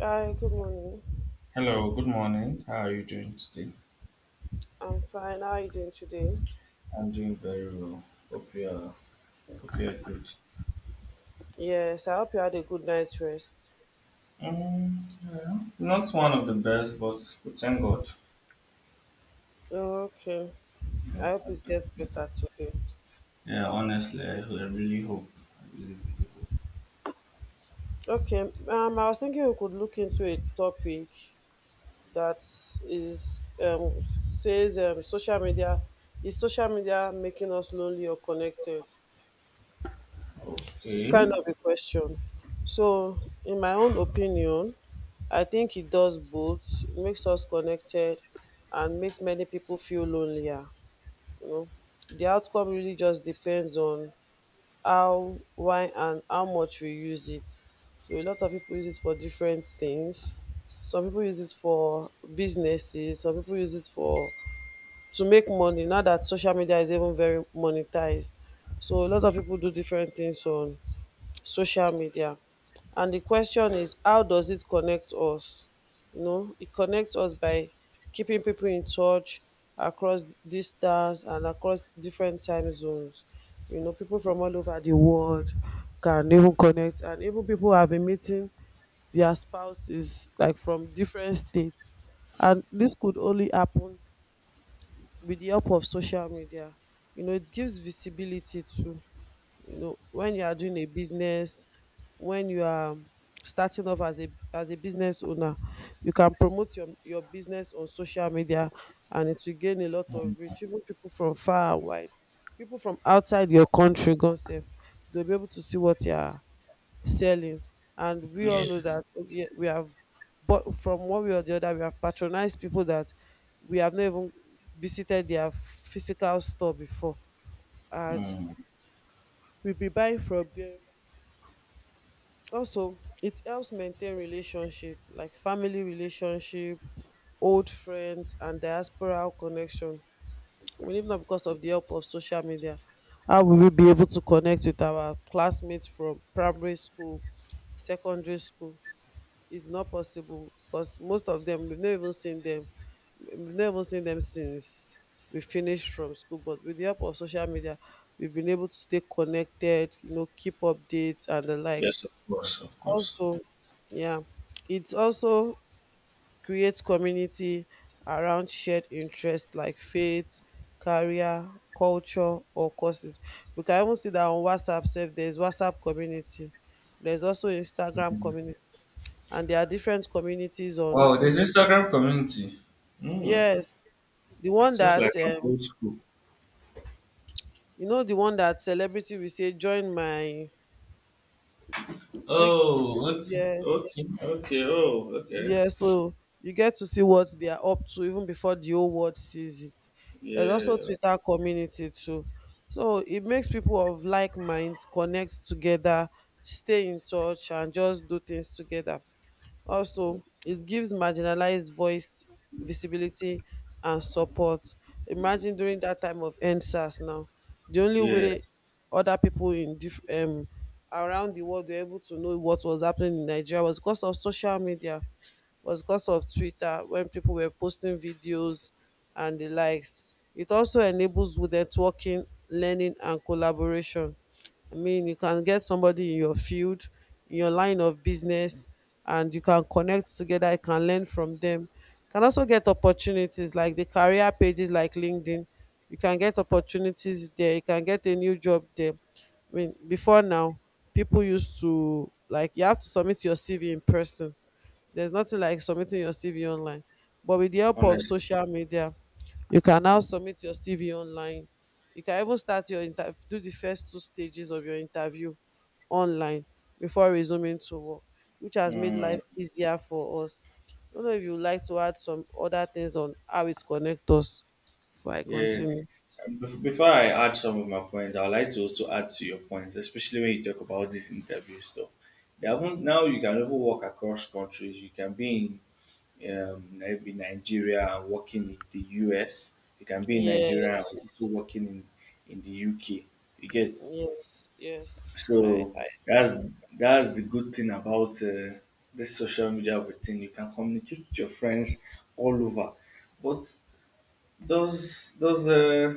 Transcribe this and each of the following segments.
Hi, good morning. Hello, good morning. How are you doing today? I'm fine. How are you doing today? I'm doing very well. Hope you are, hope you are good. Yes, I hope you had a good night's rest. Um, yeah, not one of the best, but thank God. Oh, okay, Yeah, I hope it gets better today. yeah honestly, I really hope. I really, really Okay, I was thinking we could look into a topic that is says social media, is social media making us lonely or connected? hope. It's kind Okay. of a question. So, in my own opinion, I think it does both. It makes us connected and makes many people feel lonelier. You know, the outcome really just depends on how, why and how much we use it. So a lot of people use it for different things. Some people use it for businesses, some people use it for, to make money, now that social media is even very monetized. So a lot of people do different things on social media. And the question is, how does it connect us? You know, it connects us by keeping people in touch across distance and across different time zones. You know, people from all over the world can even connect, and even people have been meeting their spouses like from different states, and this could only happen with the help of social media. You know, it gives visibility too. You know, when you are doing a business, when you are starting off as a, as a business owner, you can promote your business on social media, and it will gain a lot Mm, of reach. Even people from far and wide, people from outside your country gone save. They'll be able to see what you are selling. And we yeah. all know that we have, but from one way or the other, we have patronized people that we have not even visited their physical store before, and Mm, we'll be buying from them. Also, it helps maintain relationship, like family relationship, old friends and diasporal connection. Well, if not because of the help of social media, how will we be able to connect with our classmates from primary school, secondary school? It's not possible, because most of them we've never even seen them. We've never seen them since we finished from school. But with the help of social media, we've been able to stay connected, you know, keep updates and the likes. yes, of course, of course. Also yeah it also creates community around shared interests like faith, career, culture or courses. We can even see that on WhatsApp sef. There's WhatsApp community, there's also Instagram community, and there are different communities on. Wow, there's Instagram community. Mm, Yes, the one seems that like I'm um old school. you know, the one that celebrity will say, join my click. Oh, okay, okay, Yes. okay, oh, okay. Yeah, so you get to see what they are up to even before the whole world sees it. There's also Yeah, Twitter community too. So it makes people of like minds connect together, stay in touch and just do things together. Also, it gives marginalized voice, visibility and support. Imagine during that time of NSAS now, the only yeah, way other people around the world were able to know what was happening in Nigeria was because of social media, was because of Twitter, when people were posting videos and the likes. It also enables with networking, learning, and collaboration. I mean, you can get somebody in your field, in your line of business, and you can connect together. You can learn from them. You can also get opportunities like the career pages like LinkedIn. You can get opportunities there. You can get a new job there. I mean, before now, people used to like you have to submit your CV in person. There's nothing like submitting your CV online. But with the help of honestly. social media, you can now submit your CV online. You can even start your do the first two stages of your interview online before resuming to work, which has made Hmm. life easier for us. I don't know if you would like to add some other things on how it connects us before I Yeah. continue. Before I add some of my points, I would like to also add to your points, especially when you talk about this interview stuff. They haven't, now you can even work across countries. You can be in maybe Nigeria and working in the US. You can be in Nigeria and Yes, also working in the UK. You get yes, yes. so I, I, that's that's the good thing about this social media routine. You can communicate with your friends all over, but those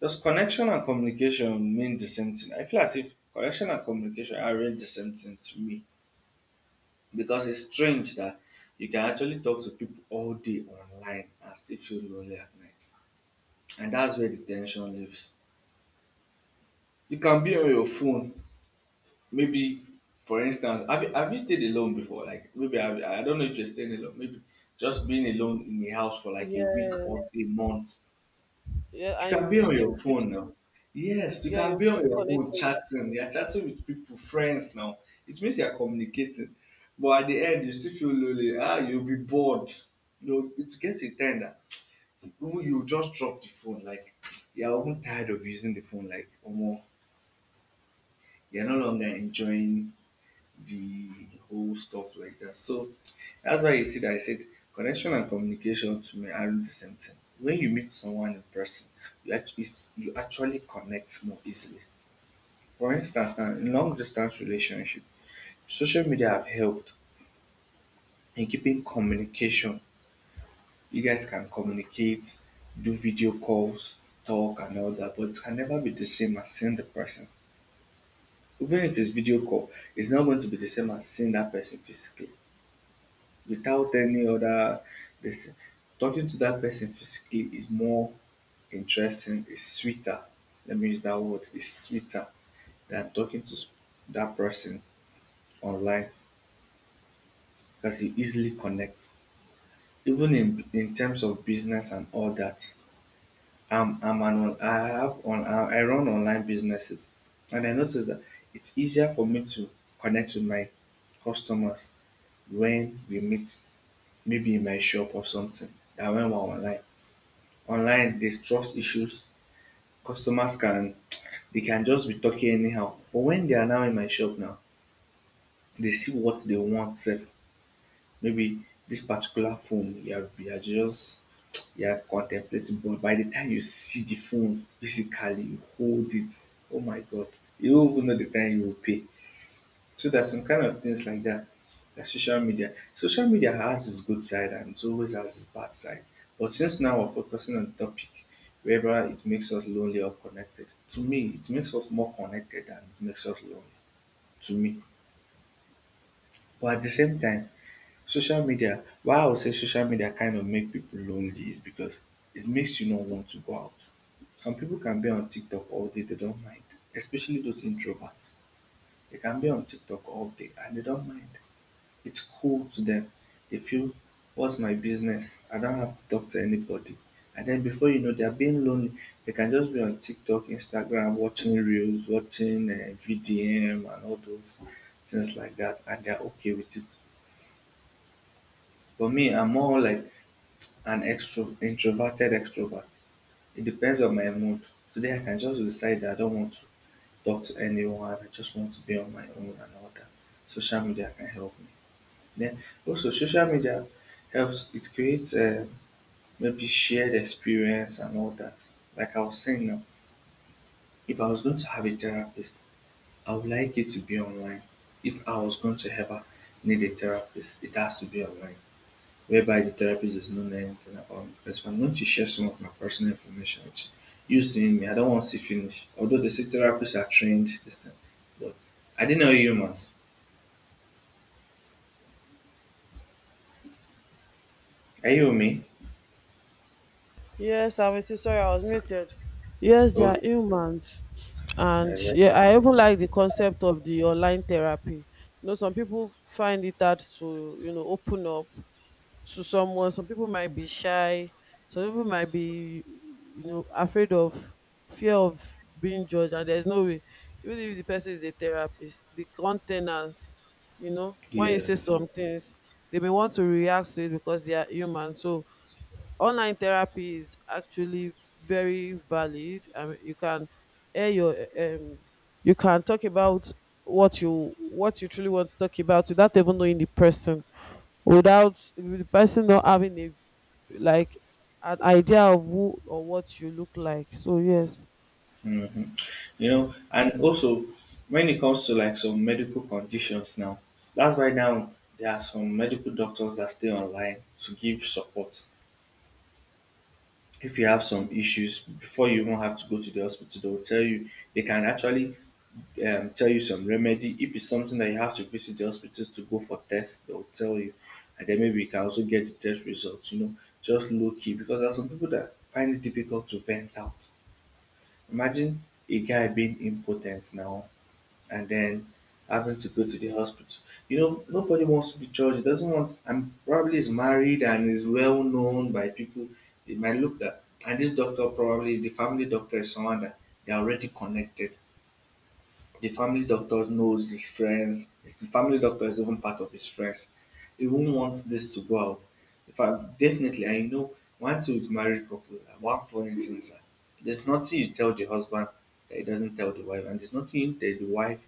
does connection and communication mean the same thing? I feel as if connection and communication are really the same thing to me because it's strange that you can actually talk to people all day online and still feel lonely at night. And that's where the tension lives. You can be on your phone, maybe for instance, have you stayed alone before? Like maybe I don't know if you're staying alone, maybe just being alone in the house for like a week or a yes, month. yeah, You and can you be on your still keep, phone now. Yes, you yeah, can you be on still your connect. phone chatting. You're chatting with people, friends now. It means you're communicating. But at the end, you still feel lonely. Ah, you'll be bored. You know, it gets a time that even you just drop the phone. Like, you're even tired of using the phone. Like, oh more. You're no longer enjoying the whole stuff like that. So that's why you see that I said connection and communication to me aren't the same thing. When you meet someone in person, you actually, you actually connect more easily. For instance, now in long distance relationship, social media have helped in keeping communication. You guys can communicate, do video calls, talk and all that, but it can never be the same as seeing the person. Even if it's video call, it's not going to be the same as seeing that person physically, without any other this thing. Talking to that person physically is more interesting, it's sweeter. Let me use that word, it's sweeter than talking to that person online because you easily connect. Even in terms of business and all that, I'm an on, I have on I run online businesses, and I noticed that it's easier for me to connect with my customers when we meet, maybe in my shop or something, than when we're online. Online there's trust issues. Customers can they can just be talking anyhow. But when they are now in my shop now, they see what they want sef. Maybe this particular phone you are just you are contemplating, but by the time you see the phone physically, you hold it, oh my God, you don't even know the time you will pay. So there's some kind of things like that. Like social media. Social media has its good side and it always has its bad side. But since now we're focusing on the topic whether it makes us lonely or connected, to me it makes us more connected than it makes us lonely. To me. But at the same time, social media why I would say social media kind of make people lonely is because it makes you not want to go out. Some people can be on TikTok all day, they don't mind. Especially those introverts. They can be on TikTok all day and they don't mind. It's cool to them. They feel, what's my business? I don't have to talk to anybody. And then before you know, they're being lonely. They can just be on TikTok, Instagram, watching reels, watching VDM, and all those things like that. And they're okay with it. But me, I'm more like an introverted extrovert. It depends on my mood. Today, I can just decide that I don't want to talk to anyone. I just want to be on my own and all that. Social media can help me. Then also social media helps it creates maybe shared experience and all that. Like I was saying now, if I was going to have a therapist, I would like it to be online. If I was going to ever need a therapist, it has to be online. Whereby the therapist does not know anything about me. Because if I'm going to share some of my personal information with you, you seeing me, I don't want to see finish. Although they say therapists are trained, this thing. But I didn't know humans. Are you with me? Yes, I'm with. Sorry, I was muted. Yes, they are Okay. humans. And yeah, I even like the concept of the online therapy. You know, some people find it hard to, you know, open up to someone. Some people might be shy. Some people might be, you know, afraid of, fear of being judged. And there's no way, even if the person is a therapist, the countenance, you know, when you say Yes. some things, they may want to react to it because they are human. So online therapy is actually very valid. You can air your you can talk about what you truly want to talk about without even knowing the person, without the person not having a, like, an idea of who or what you look like. So yes. Hmm. You know, and also when it comes to like some medical conditions now, that's why now there are some medical doctors that stay online to give support. If you have some issues, before you even have to go to the hospital, they will tell you, they can actually tell you some remedy. If it's something that you have to visit the hospital to go for tests, they will tell you. And then maybe you can also get the test results, you know, just low key. Because there are some people that find it difficult to vent out. Imagine a guy being impotent now and then having to go to the hospital. You know, nobody wants to be judged. Doesn't want. And probably is married and is well known by people. It might look that, and this doctor probably the family doctor is someone that they are already connected. The family doctor knows his friends. It's the family doctor is even part of his friends. He won't want this to go out. In fact, definitely, I know one thing with married couples, one funny thing is that there's nothing you tell the husband that he doesn't tell the wife, and there's nothing that the wife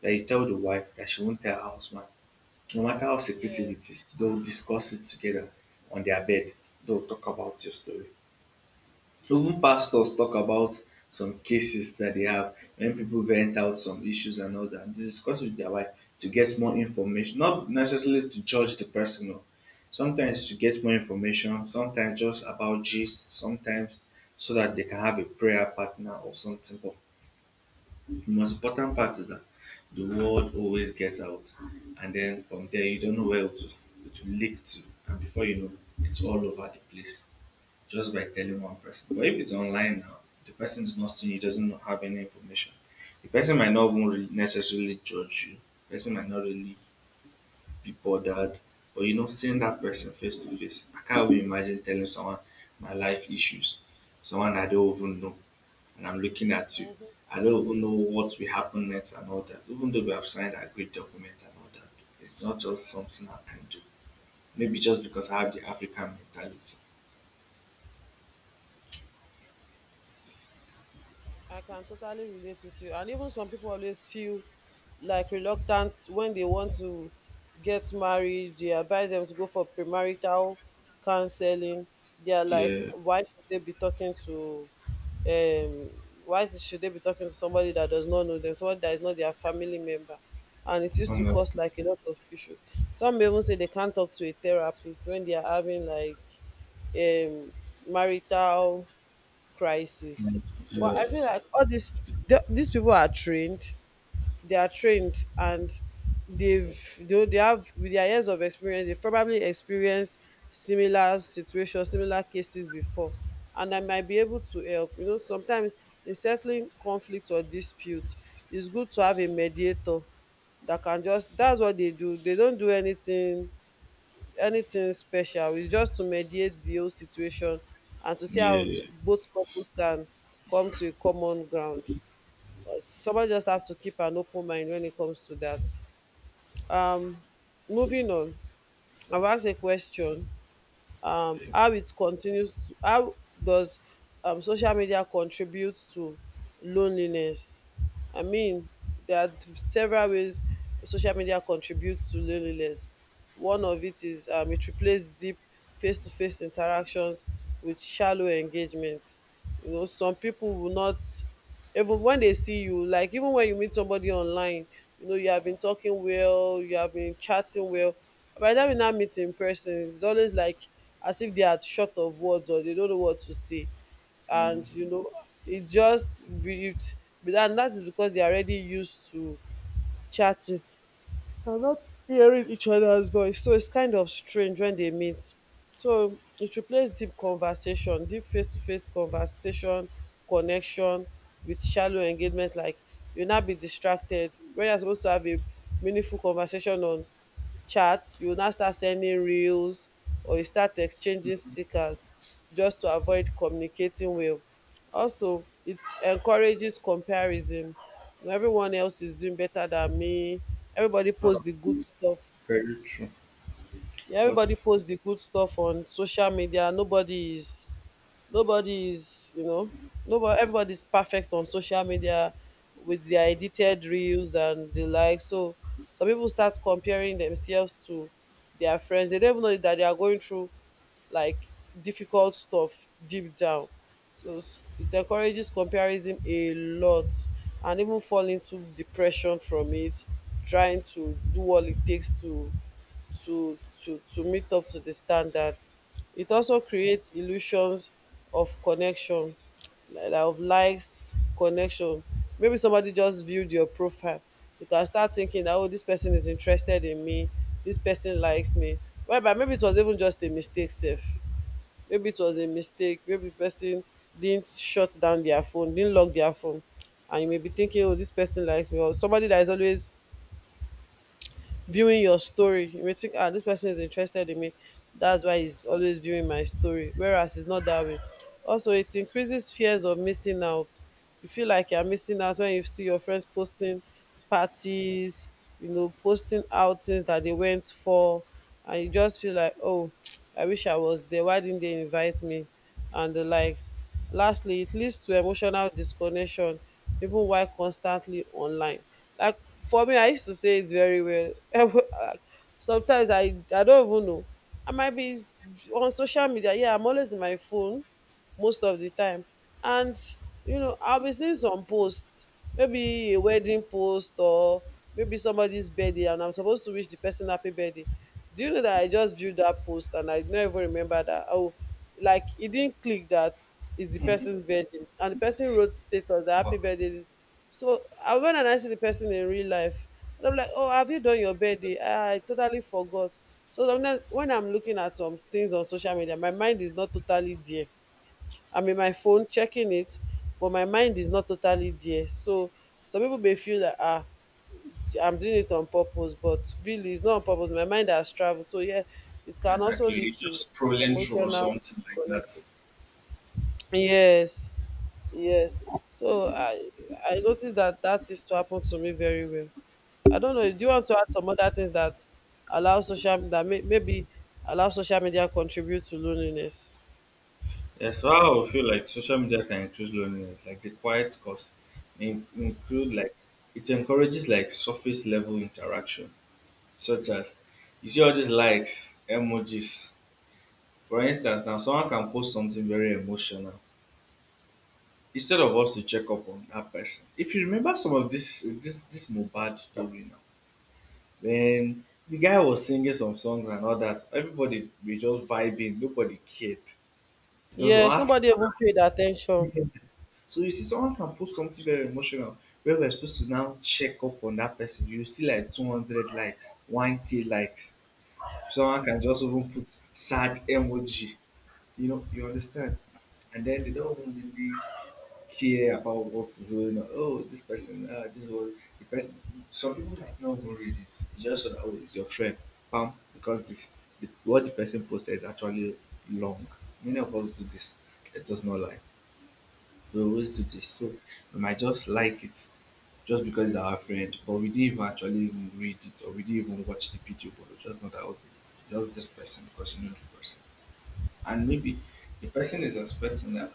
that you tell the wife that she won't tell her husband. No matter how secretive Yes. it is, they'll discuss it together on their bed. They'll talk about your story. Even pastors talk about some cases that they have when people vent out some issues and all that. They discuss with their wife to get more information, not necessarily to judge the person. No. Sometimes to get more information, sometimes just about gist, sometimes so that they can have a prayer partner or something. But the most important part is that the word always gets out, and then from there you don't know where to leak to, and before you know, it's all over the place just by telling one person. But if it's online now, the person is not seeing you, doesn't have any information. The person might not even really necessarily judge you. The person might not really be bothered, or you know, seeing that person face to face. I can't even imagine telling someone my life issues, someone I don't even know and I'm looking at you. Mhm. I don't even know what will happen next and all that. Even though we have signed a great document, and all that, it's not just something I can do. Maybe just because I have the African mentality. I can totally relate with you. And even some people always feel like reluctant when they want to get married. They advise them to go for premarital counseling. They are like, Yeah, why should they be talking to, um, why should they be talking to somebody that does not know them, somebody that is not their family member? And it used to cause honestly. like a lot of issues. Some may even say they can't talk to a therapist when they are having like um, marital crisis. Yeah, But I feel like all these these people are trained, they are trained, and they have, with their years of experience. They've probably experienced similar situations, similar cases before, and I might be able to help. You know, sometimes in settling conflict or dispute, it's good to have a mediator that can just. That's what they do. They don't do anything special. It's just to mediate the whole situation and to see yeah, how yeah. both couples can come to a common ground. But someone just have to keep an open mind when it comes to that. Um, Moving on, I've asked a question. Yeah. How it continues to how does social media contribute to loneliness? I mean, there are several ways social media contributes to loneliness. One of it is it replaces deep face to face interactions with shallow engagement. You know, some people will not, even when they see you, like, even when you meet somebody online, you know, you have been talking well, you have been chatting well. By the time you now meet in person, it's always like as if they are short of words or they don't know what to say. And you Mm, know, it just be that is because they are already used to chatting. They're not hearing each other's voice, so it's kind of strange when they meet. So it replaced deep conversation, deep face to face conversation, connection with shallow engagement. Like, you'll not be distracted. When you're supposed to have a meaningful conversation on chats, you will now start sending reels or you start exchanging stickers just to avoid communicating well. Also, it encourages comparison. When everyone else is doing better than me. Everybody oh, posts the good stuff. very true. Yeah, everybody But posts the good stuff on social media. Nobody is, Nobody is, you know, nobody everybody's perfect on social media with their edited reels and the like. So some people start comparing themselves to their friends. They don't even know that they are going through like difficult stuff deep down. So it encourages comparison a lot and even fall into depression from it, trying to do all it takes to to meet up to the standard. It also creates illusions of connection, like of likes, connection. Maybe somebody just viewed your profile. You can start thinking that, oh, this person is interested in me, this person likes me. Well, but maybe it was even just a mistake, safe. Maybe it was a mistake. Maybe the person didn't shut down their phone, didn't lock their phone. And you may be thinking, oh, this person likes me, or somebody that is always viewing your story wetin ah dis person is interested in me, that's why he's always viewing my story, whereas it's not that way. Also, it increases fears of missing out. You feel like you're missing out when you see your friends posting parties, you know, posting outings that they went for, and you just feel like, oh, I wish I was there, why didn't they invite me, and the likes. Lastly, it leads to emotional disconnection even while constantly online. Like for me, I used to say it very well. Sometimes I don't even know. I might be on social media. Yeah, I'm always in my phone most of the time. And, you know, I'll be seeing some posts, maybe a wedding post or maybe somebody's birthday, and I'm supposed to wish the person happy birthday. Do you know that I just viewed that post and I don't even remember that? Oh, like it didn't click that it's the person's birthday and the person wrote status that oh, happy birthday. So I went and I see the person in real life, and I'm like, oh, have you done your birthday? I totally forgot. So sometimes when I'm looking at some things on social media, my mind is not totally there. I'm in my phone checking it, but my mind is not totally there. So some people may feel that, I'm doing it on purpose, but really it's not on purpose. My mind has traveled. So, yeah, it can also exactly, lead you to just scrolling through or emotional something like connection. that. Yes, yes. So I noticed that used to happen to me very well. I don't know. Do you want to add some other things that allow social that may, maybe allow social media contribute to loneliness? Yeah, so I would feel like social media can increase loneliness, like the quiet cost, include like it encourages like surface level interaction such as you see all these likes, emojis. For instance, now someone can post something very emotional instead of us to check up on that person. If you remember some of this this Mohbad story now, when the guy was singing some songs and all that, everybody were just vibing, nobody cared. It was Yes, after nobody even paid attention. years. So you see, someone can post something very emotional where we're supposed to now check up on that person. You see like 200 likes, 1K likes. Someone can just even put sad emoji. You know, you understand? And then they don't really care about what's going on. Oh, this person, this was the person. Some people might not even read it. You just saw that, oh, it's your friend. Pam, because what the person posted is actually long. Many of us do this. Let us not lie. We always do this. So we might just like it just because it's our friend, but we didn't even actually even read it or we didn't even watch the video, but we just know that, okay, it's just this person because you know the person. And maybe the person is expecting that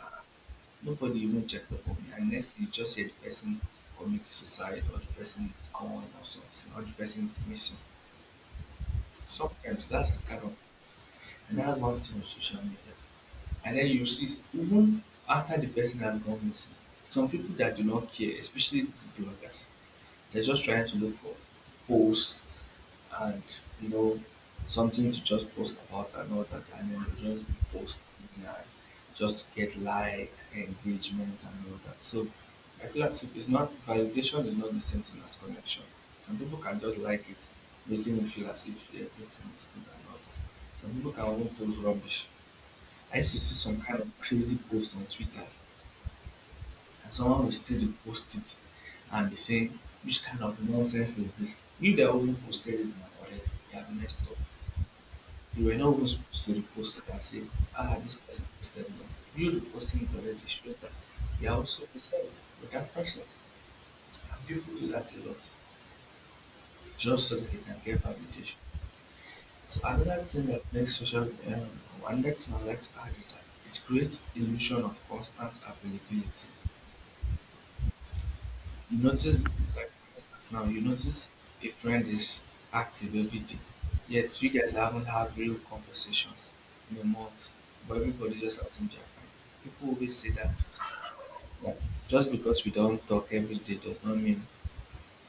nobody even checked up on me unless you just say the person commits suicide or the person is gone or something or the person is missing. Sometimes that's the kind of thing. And that's one thing on social media. And then you see even after the person has gone missing, some people that do not care, especially these bloggers, they're just trying to look for posts and you know something to just post about and all that, and then they'll just be posting and just to get likes, engagement, and all that. So I feel like it's not validation is not the same thing as connection. Some people can just like it, making you feel as if yes, this thing is good and all that. Some people can even post rubbish. I used to see some kind of crazy post on Twitter and someone will still repost it and be saying, which kind of nonsense is this? If they have even posted it now already, they have messed up. They were not even supposed to repost it and say, ah, this person posted nonsense. You reposting it already shows that they are also concerned with that person. And people do that a lot just so that they can get validation. So another thing that makes social, another thing I like to add is that it creates illusion of constant availability. You notice, like for instance now, you notice a friend is active every day. Yes, you guys haven't had real conversations in a month, but everybody just assumes they're fine. People always say that just because we don't talk every day does not mean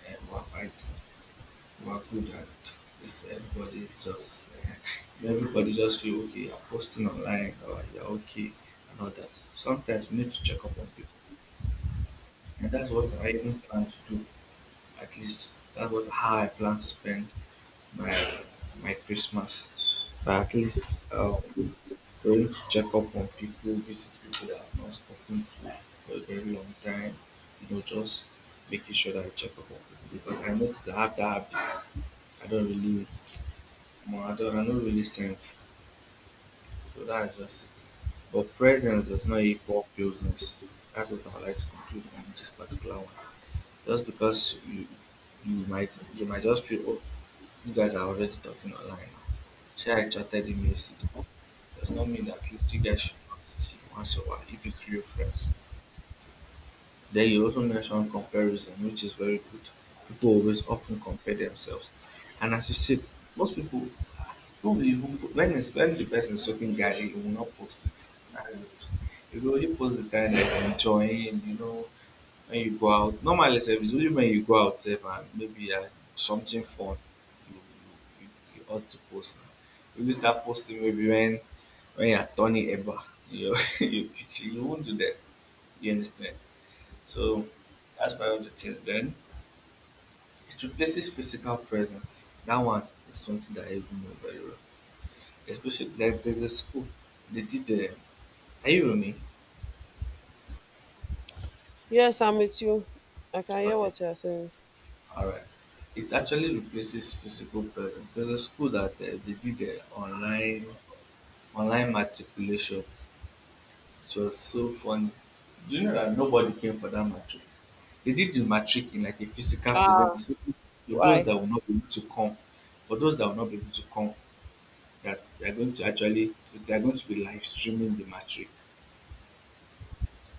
we're fighting. We're good at this. Everybody just feel okay. You're posting online or you're okay and all that. Sometimes you need to check up on people, and that's what I even plan to do. At least that was how I plan to spend my my Christmas. But at least going to check up on people, visit people that I've not spoken to for a very long time. Just making sure that I check up on people because I noticed that I have that habit. I don't really, I don't really send. So that is just it. But presence does not equal closeness. That's what I would like to conclude on this particular one. Just because you might just feel oh you guys are already talking online now. Sure, I chatted in May City. Does not mean that at least you guys should not see once in a while if it's real friends. Then you also mentioned comparison, which is very good. People always often compare themselves. And as you said, most people who will even when the person is soaking gadget, you will not post it. As if you will only post the time that you're enjoying, when you go out normally sef it's only when you go out sef and maybe something fun you you you ought to post na you start posting maybe when you are turning eba you know, you you won't do that. You understand, so that's one of the things. Then it replaces physical presence that one is something that I even know very well, especially like there's a school they did the. Are you with me? Yes, I'm with you. I can hear Okay. what you are saying. All right. It actually replaces physical presence. There's a school that they did online matriculation. It was so funny. Do you know that nobody came for that matric? They did the matric in like a physical Ah, presence for those why? that will not be able to come. For those that will not be able to come, that they are going to be live streaming the matric.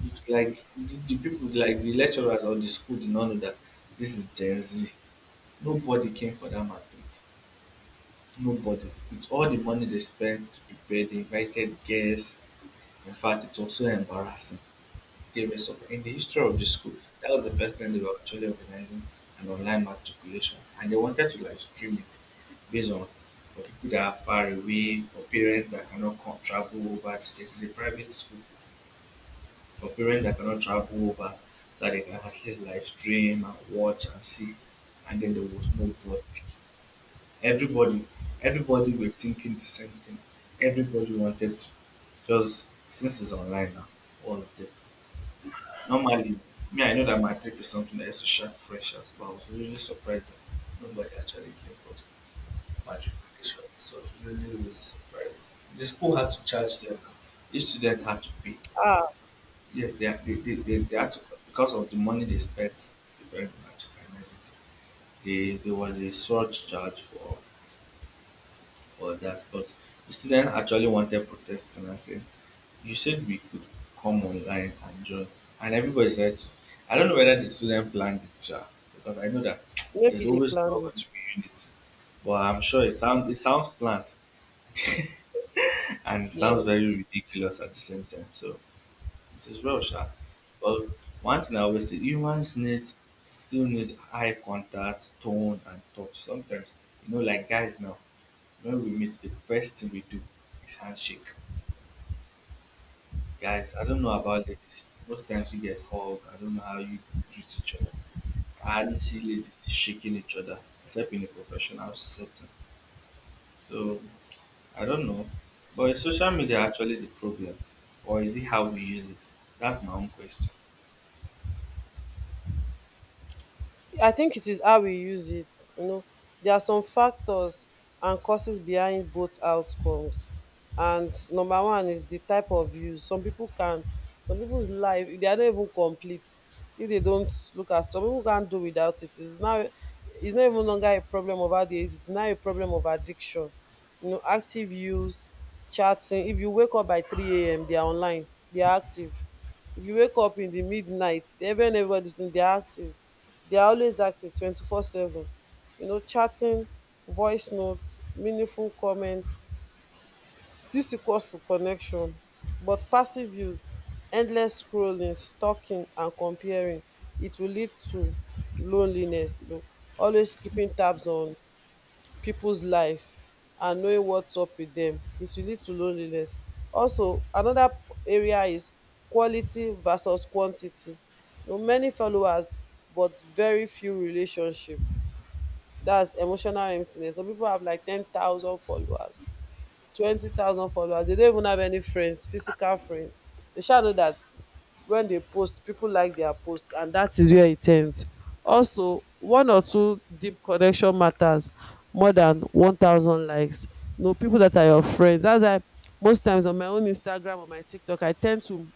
It's like the people like the lecturers or the school did not know that this is Gen Z. Nobody came for that matric. Nobody. With all the money they spent to prepare, they invited guests. In fact, it was so embarrassing. They were so, in the history of the school, that was the first time they were actually organizing an online matriculation. And they wanted to like stream it based on for people that are far away, for parents that cannot come, travel over the states. It's a private school for parents that cannot travel over, so that they can at least live stream and watch and see. And then there was nobody. Everybody, everybody were thinking the same thing. Everybody wanted to just since it's online now, was the normally, me I know that matric is something that used to shock freshers, but I was really surprised that nobody actually gave out matriculation. So I was really, really surprised. The school had to charge them. Each student had to pay. Ah, Yes, they had to because of the money they spent, the burned magic and everything. They were the sole charge for that, but the student actually wanted protest and I said, you said we could come online and join, and everybody said, I don't know whether the student planned it sha, because I know that there's maybe they always planned not going it. to be unity. But I'm sure it sounds planned and it sounds Yeah. very ridiculous at the same time. So this is well sha. But one thing I always say, humans need still need eye contact, tone and touch sometimes. Like guys now, when we meet, the first thing we do is handshake. Guys, I don't know about ladies. Most times you get hug. I don't know how you greet each other. I hardly see ladies shaking each other, except in a professional setting. So I don't know. But is social media actually the problem? Or is it how we use it? That's my own question. I think it is how we use it. You know, there are some factors and causes behind both outcomes. And number one is the type of use. Some people's life, they are not even complete if they don't look at. Some people can't do without it. It's not even longer a problem of age. It's now a problem of addiction. You know, active use, chatting. If you wake up by 3 a.m., they are online. They are active. If you wake up in the midnight, they even everybody's they are active. They are always active 24/7. You know, chatting, voice notes, meaningful comments, this equals to connection. But passive views, endless scrolling, stalking and comparing, it will lead to loneliness. Always keeping tabs on people's life and knowing what's up with them, it will lead to loneliness. Also, another area is quality versus quantity. So many followers but very few relationship, that's emotional emptiness. Some people have like 10,000 followers, 20,000 followers. They don't even have any friends, physical friends. They shall know that when they post, people like their post, and that is where it ends. Also, one or two deep connection matters more than 1,000 likes. No, people that are your friends. That's why most times on my own Instagram or my TikTok, I tend to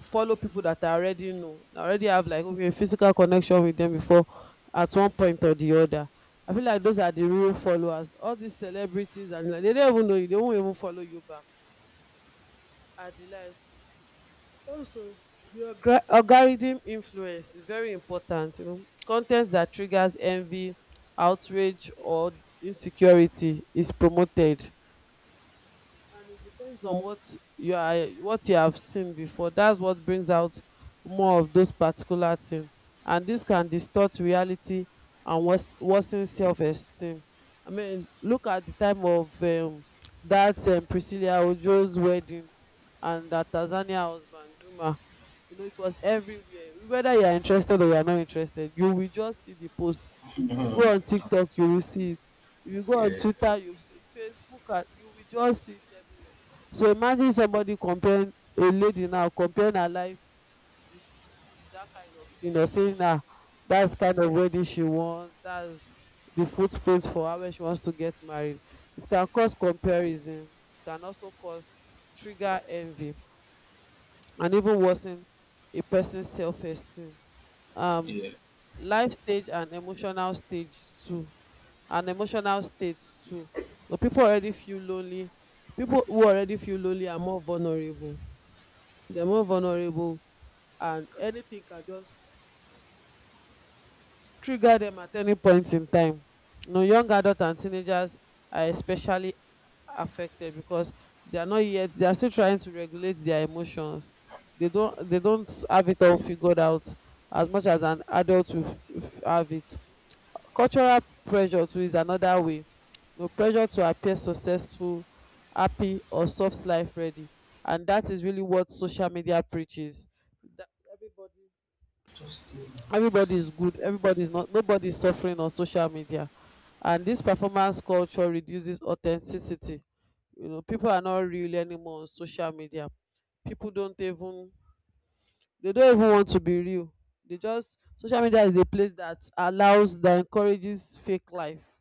follow people that I already know, I already have like maybe a physical connection with them before at one point or the other. I feel like those are the real followers. All these celebrities and like, they don't even know you, they won't even follow you back. Are the likes. Also, the algorithm influence is very important. Content that triggers envy, outrage, or insecurity is promoted. And it depends on what you are what you have seen before, that's what brings out more of those particular things, and this can distort reality and worsen self-esteem. I mean, look at the time of that Priscilla Ojo's wedding, and that Tanzania husband Juma. You know, it was everywhere. Whether you are interested or you are not interested, you will just see the post. If you go on TikTok, you will see it. If you go on Yeah, Twitter, you see Facebook, and you will just see it everywhere. So imagine somebody comparing, a lady now comparing her life with that kind of thing, or saying na, that's the kind of wedding she wants, that's the footprints for her when she wants to get married. It can cause comparison, it can also cause, trigger envy and even worsen a person's self-esteem um yeah. life stage and emotional stage too And emotional states too. So people already feel lonely. People who already feel lonely are more vulnerable. They're more vulnerable, and anything can just trigger them at any point in time. You know, young adults and teenagers are especially affected because they are not yet. They are still trying to regulate their emotions. They don't. They don't have it all figured out as much as an adult will have it. Cultural pressure too is another way. You pressure to appear successful, happy or soft life ready, and that is really what social media preaches, that everybody Just do boundaries. everybody is good, everybody is not, nobody is suffering on social media. And this performance culture reduces authenticity. You know, people are not real anymore on social media, people don't even they don't even want to be real. They just Social media is a place that allows that encourages fake life,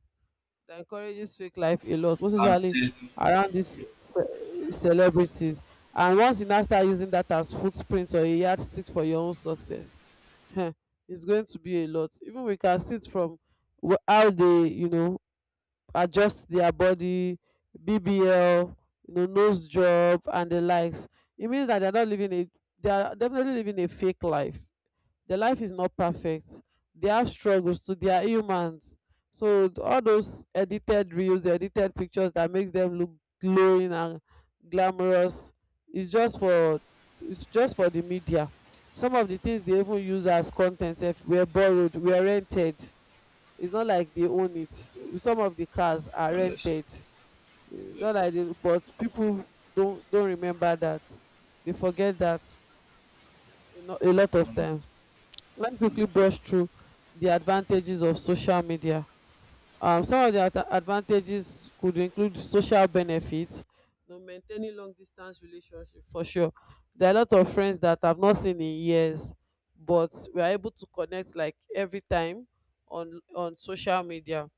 that encourages fake life a lot, most I'm especially telling you, around these yeah, celebrities. And once you now start using that as footprint or a yardstick for your own success, heh, it's going to be a lot. Even we can see it from how they, you know, adjust their body, BBL, you know, nose job and the likes. It means that they're not living a they are definitely living a fake life. Their life is not perfect, they have struggles to, they are humans. So all those edited reels, edited pictures, that makes them look glowing and glamorous, is just for it's just for the media. Some of the things they even use as content sef were borrowed, were rented, it's not like they own it, some of the cars are honestly. rented. It's Yeah, not like they, but people don't remember that, they forget that, you know, a lot of hon- times, let me quickly Honestly. brush through the advantages of social media. Some of the advantages could include social benefits, you know, maintaining long distance relationship for sure. There are a lot of friends that I've not seen in years, but we are able to connect like every time on social media,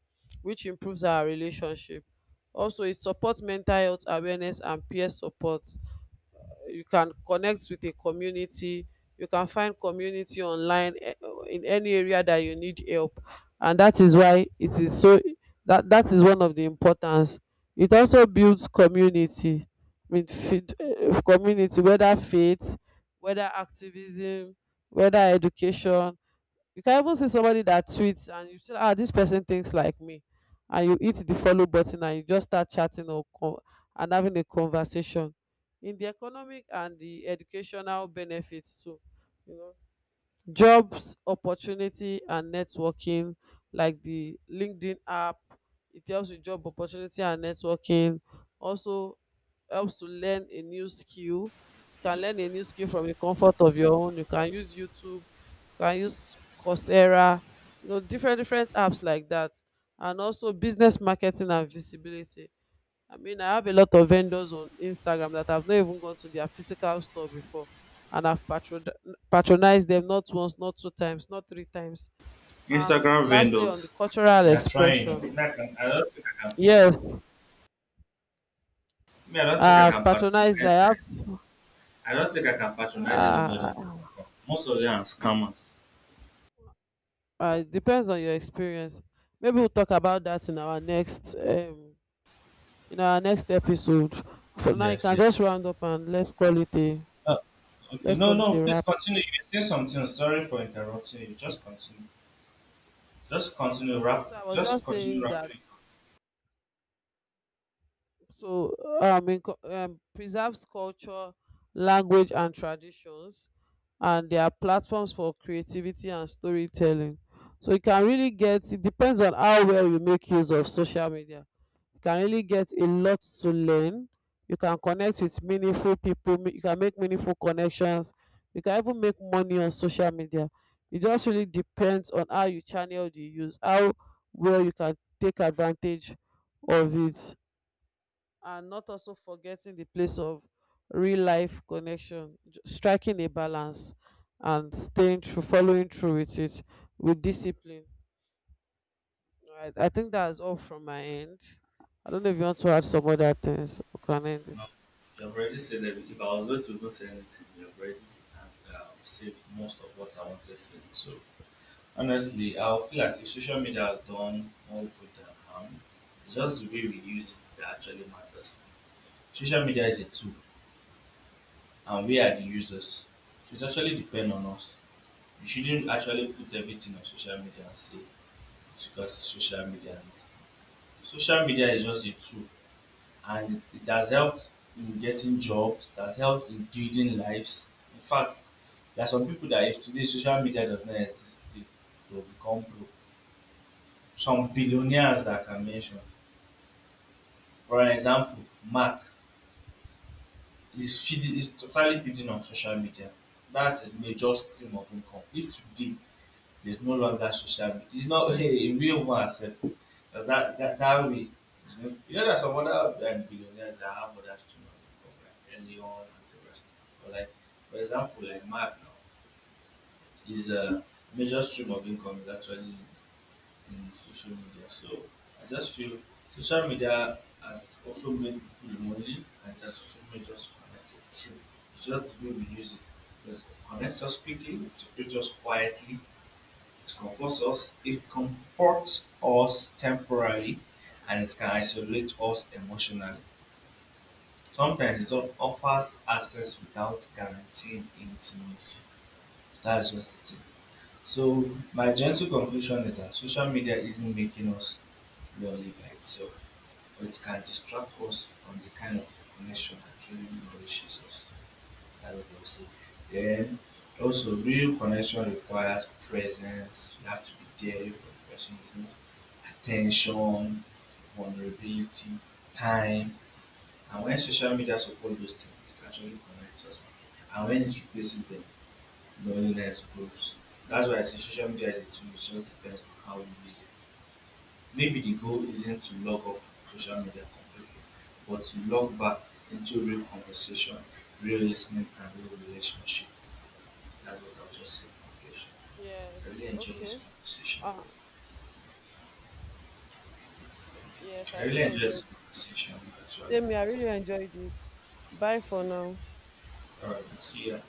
which improves our relationship. Also, it supports mental health awareness and peer support. You can connect with a community, you can find community online, in any area that you need help, and that is why it is so. That is one of the importance. It also builds community with community, whether faith, whether activism, whether education. You can even see somebody that tweets, and you say, ah, this person thinks like me, and you hit the follow button, and you just start chatting and having a conversation. In the economic and the educational benefits too, you know, jobs opportunity and networking, like the LinkedIn app, it helps with job opportunity and networking. Also helps to learn a new skill. You can learn a new skill from the comfort of your own, you can use YouTube, you can use Coursera, you know, different apps like that. And also business, marketing and visibility. I mean, I have a lot of vendors on Instagram that I've not even gone to their physical store before, and I've patronized them, not once, not two times, not three times. Instagram Lastly, on the vendors. cultural They are trying. Expression, I don't think I can. yes, Me, I don't think I I've can patronized. patronize. I have. I don't think I can patronize anybody on Uh, Instagram. Most of them are scammers. It depends on your experience. Maybe we'll talk about that in our next episode. For now, you Yes, can yes. just round up and Uh, okay, let's no, call it no, a please wrap. continue. You say something. Sorry for interrupting you. Just continue. Just continue Okay, rap. so I was Just just continue saying wrapping that, it up. so preserves culture, language and traditions, and there are platforms for creativity and storytelling. So you can really get it depends on how well you make use of social media, you can really get a lot to learn, you can connect with meaningful you can make meaningful connections, you can even make money on social media. It just really depends on how you channel the use, how well you can take advantage of it, and not also forgetting the place of real life connection, striking a balance and staying through, following through with it with discipline. Right, I think that's all from my end. I don't know if you want to add some other things, we can end it. No, you have already said that if I was going to even say anything, you have already said most of what I wanted to say. So honestly, I feel like the social media has done more good than harm. It's just the way we use it that actually matters. Social media is a tool, and we are the users. It actually depend on us. You shouldn't actually put everything on social media and say it's because it's social media. Social media is just a tool, and it has helped in getting jobs, it has helped in building lives. In fact, there are some people that if today social media does not exist today, they will become broke. Some billionaires that I can mention. For example, Mark is totally feeding on social media. That's a just stream of income. If today they accept, that's the way. Just put the school remotely, and that's somewhere just connect it through. It's just the way we use it. It connects us quickly, it separates us quietly, it comforts us temporarily, and it can isolate us emotionally. Sometimes it don't offers access without guaranteeing intimacy. That's just it. So my gentle conclusion is that social media isn't making us lonely by itself, but it can distract us from the kind of connection that truly nourishes us, I would say. Then also, real connection requires presence. You have to be there for the person, attention, vulnerability, time. And when social media supports those things, it actually connects us. And when it replaces them, loneliness grows. That's why I say social media is a tool, it just depends on how you use it. Maybe the goal isn't to log off social media completely, but to log back into real conversation, real listening, and real relationship. That was just said conversation. I really Yes. enjoy this Okay. conversation. Uh, yes, I I really really enjoy this enjoyed. conversation actually. Same here. I really enjoyed it. Bye for now. See ya.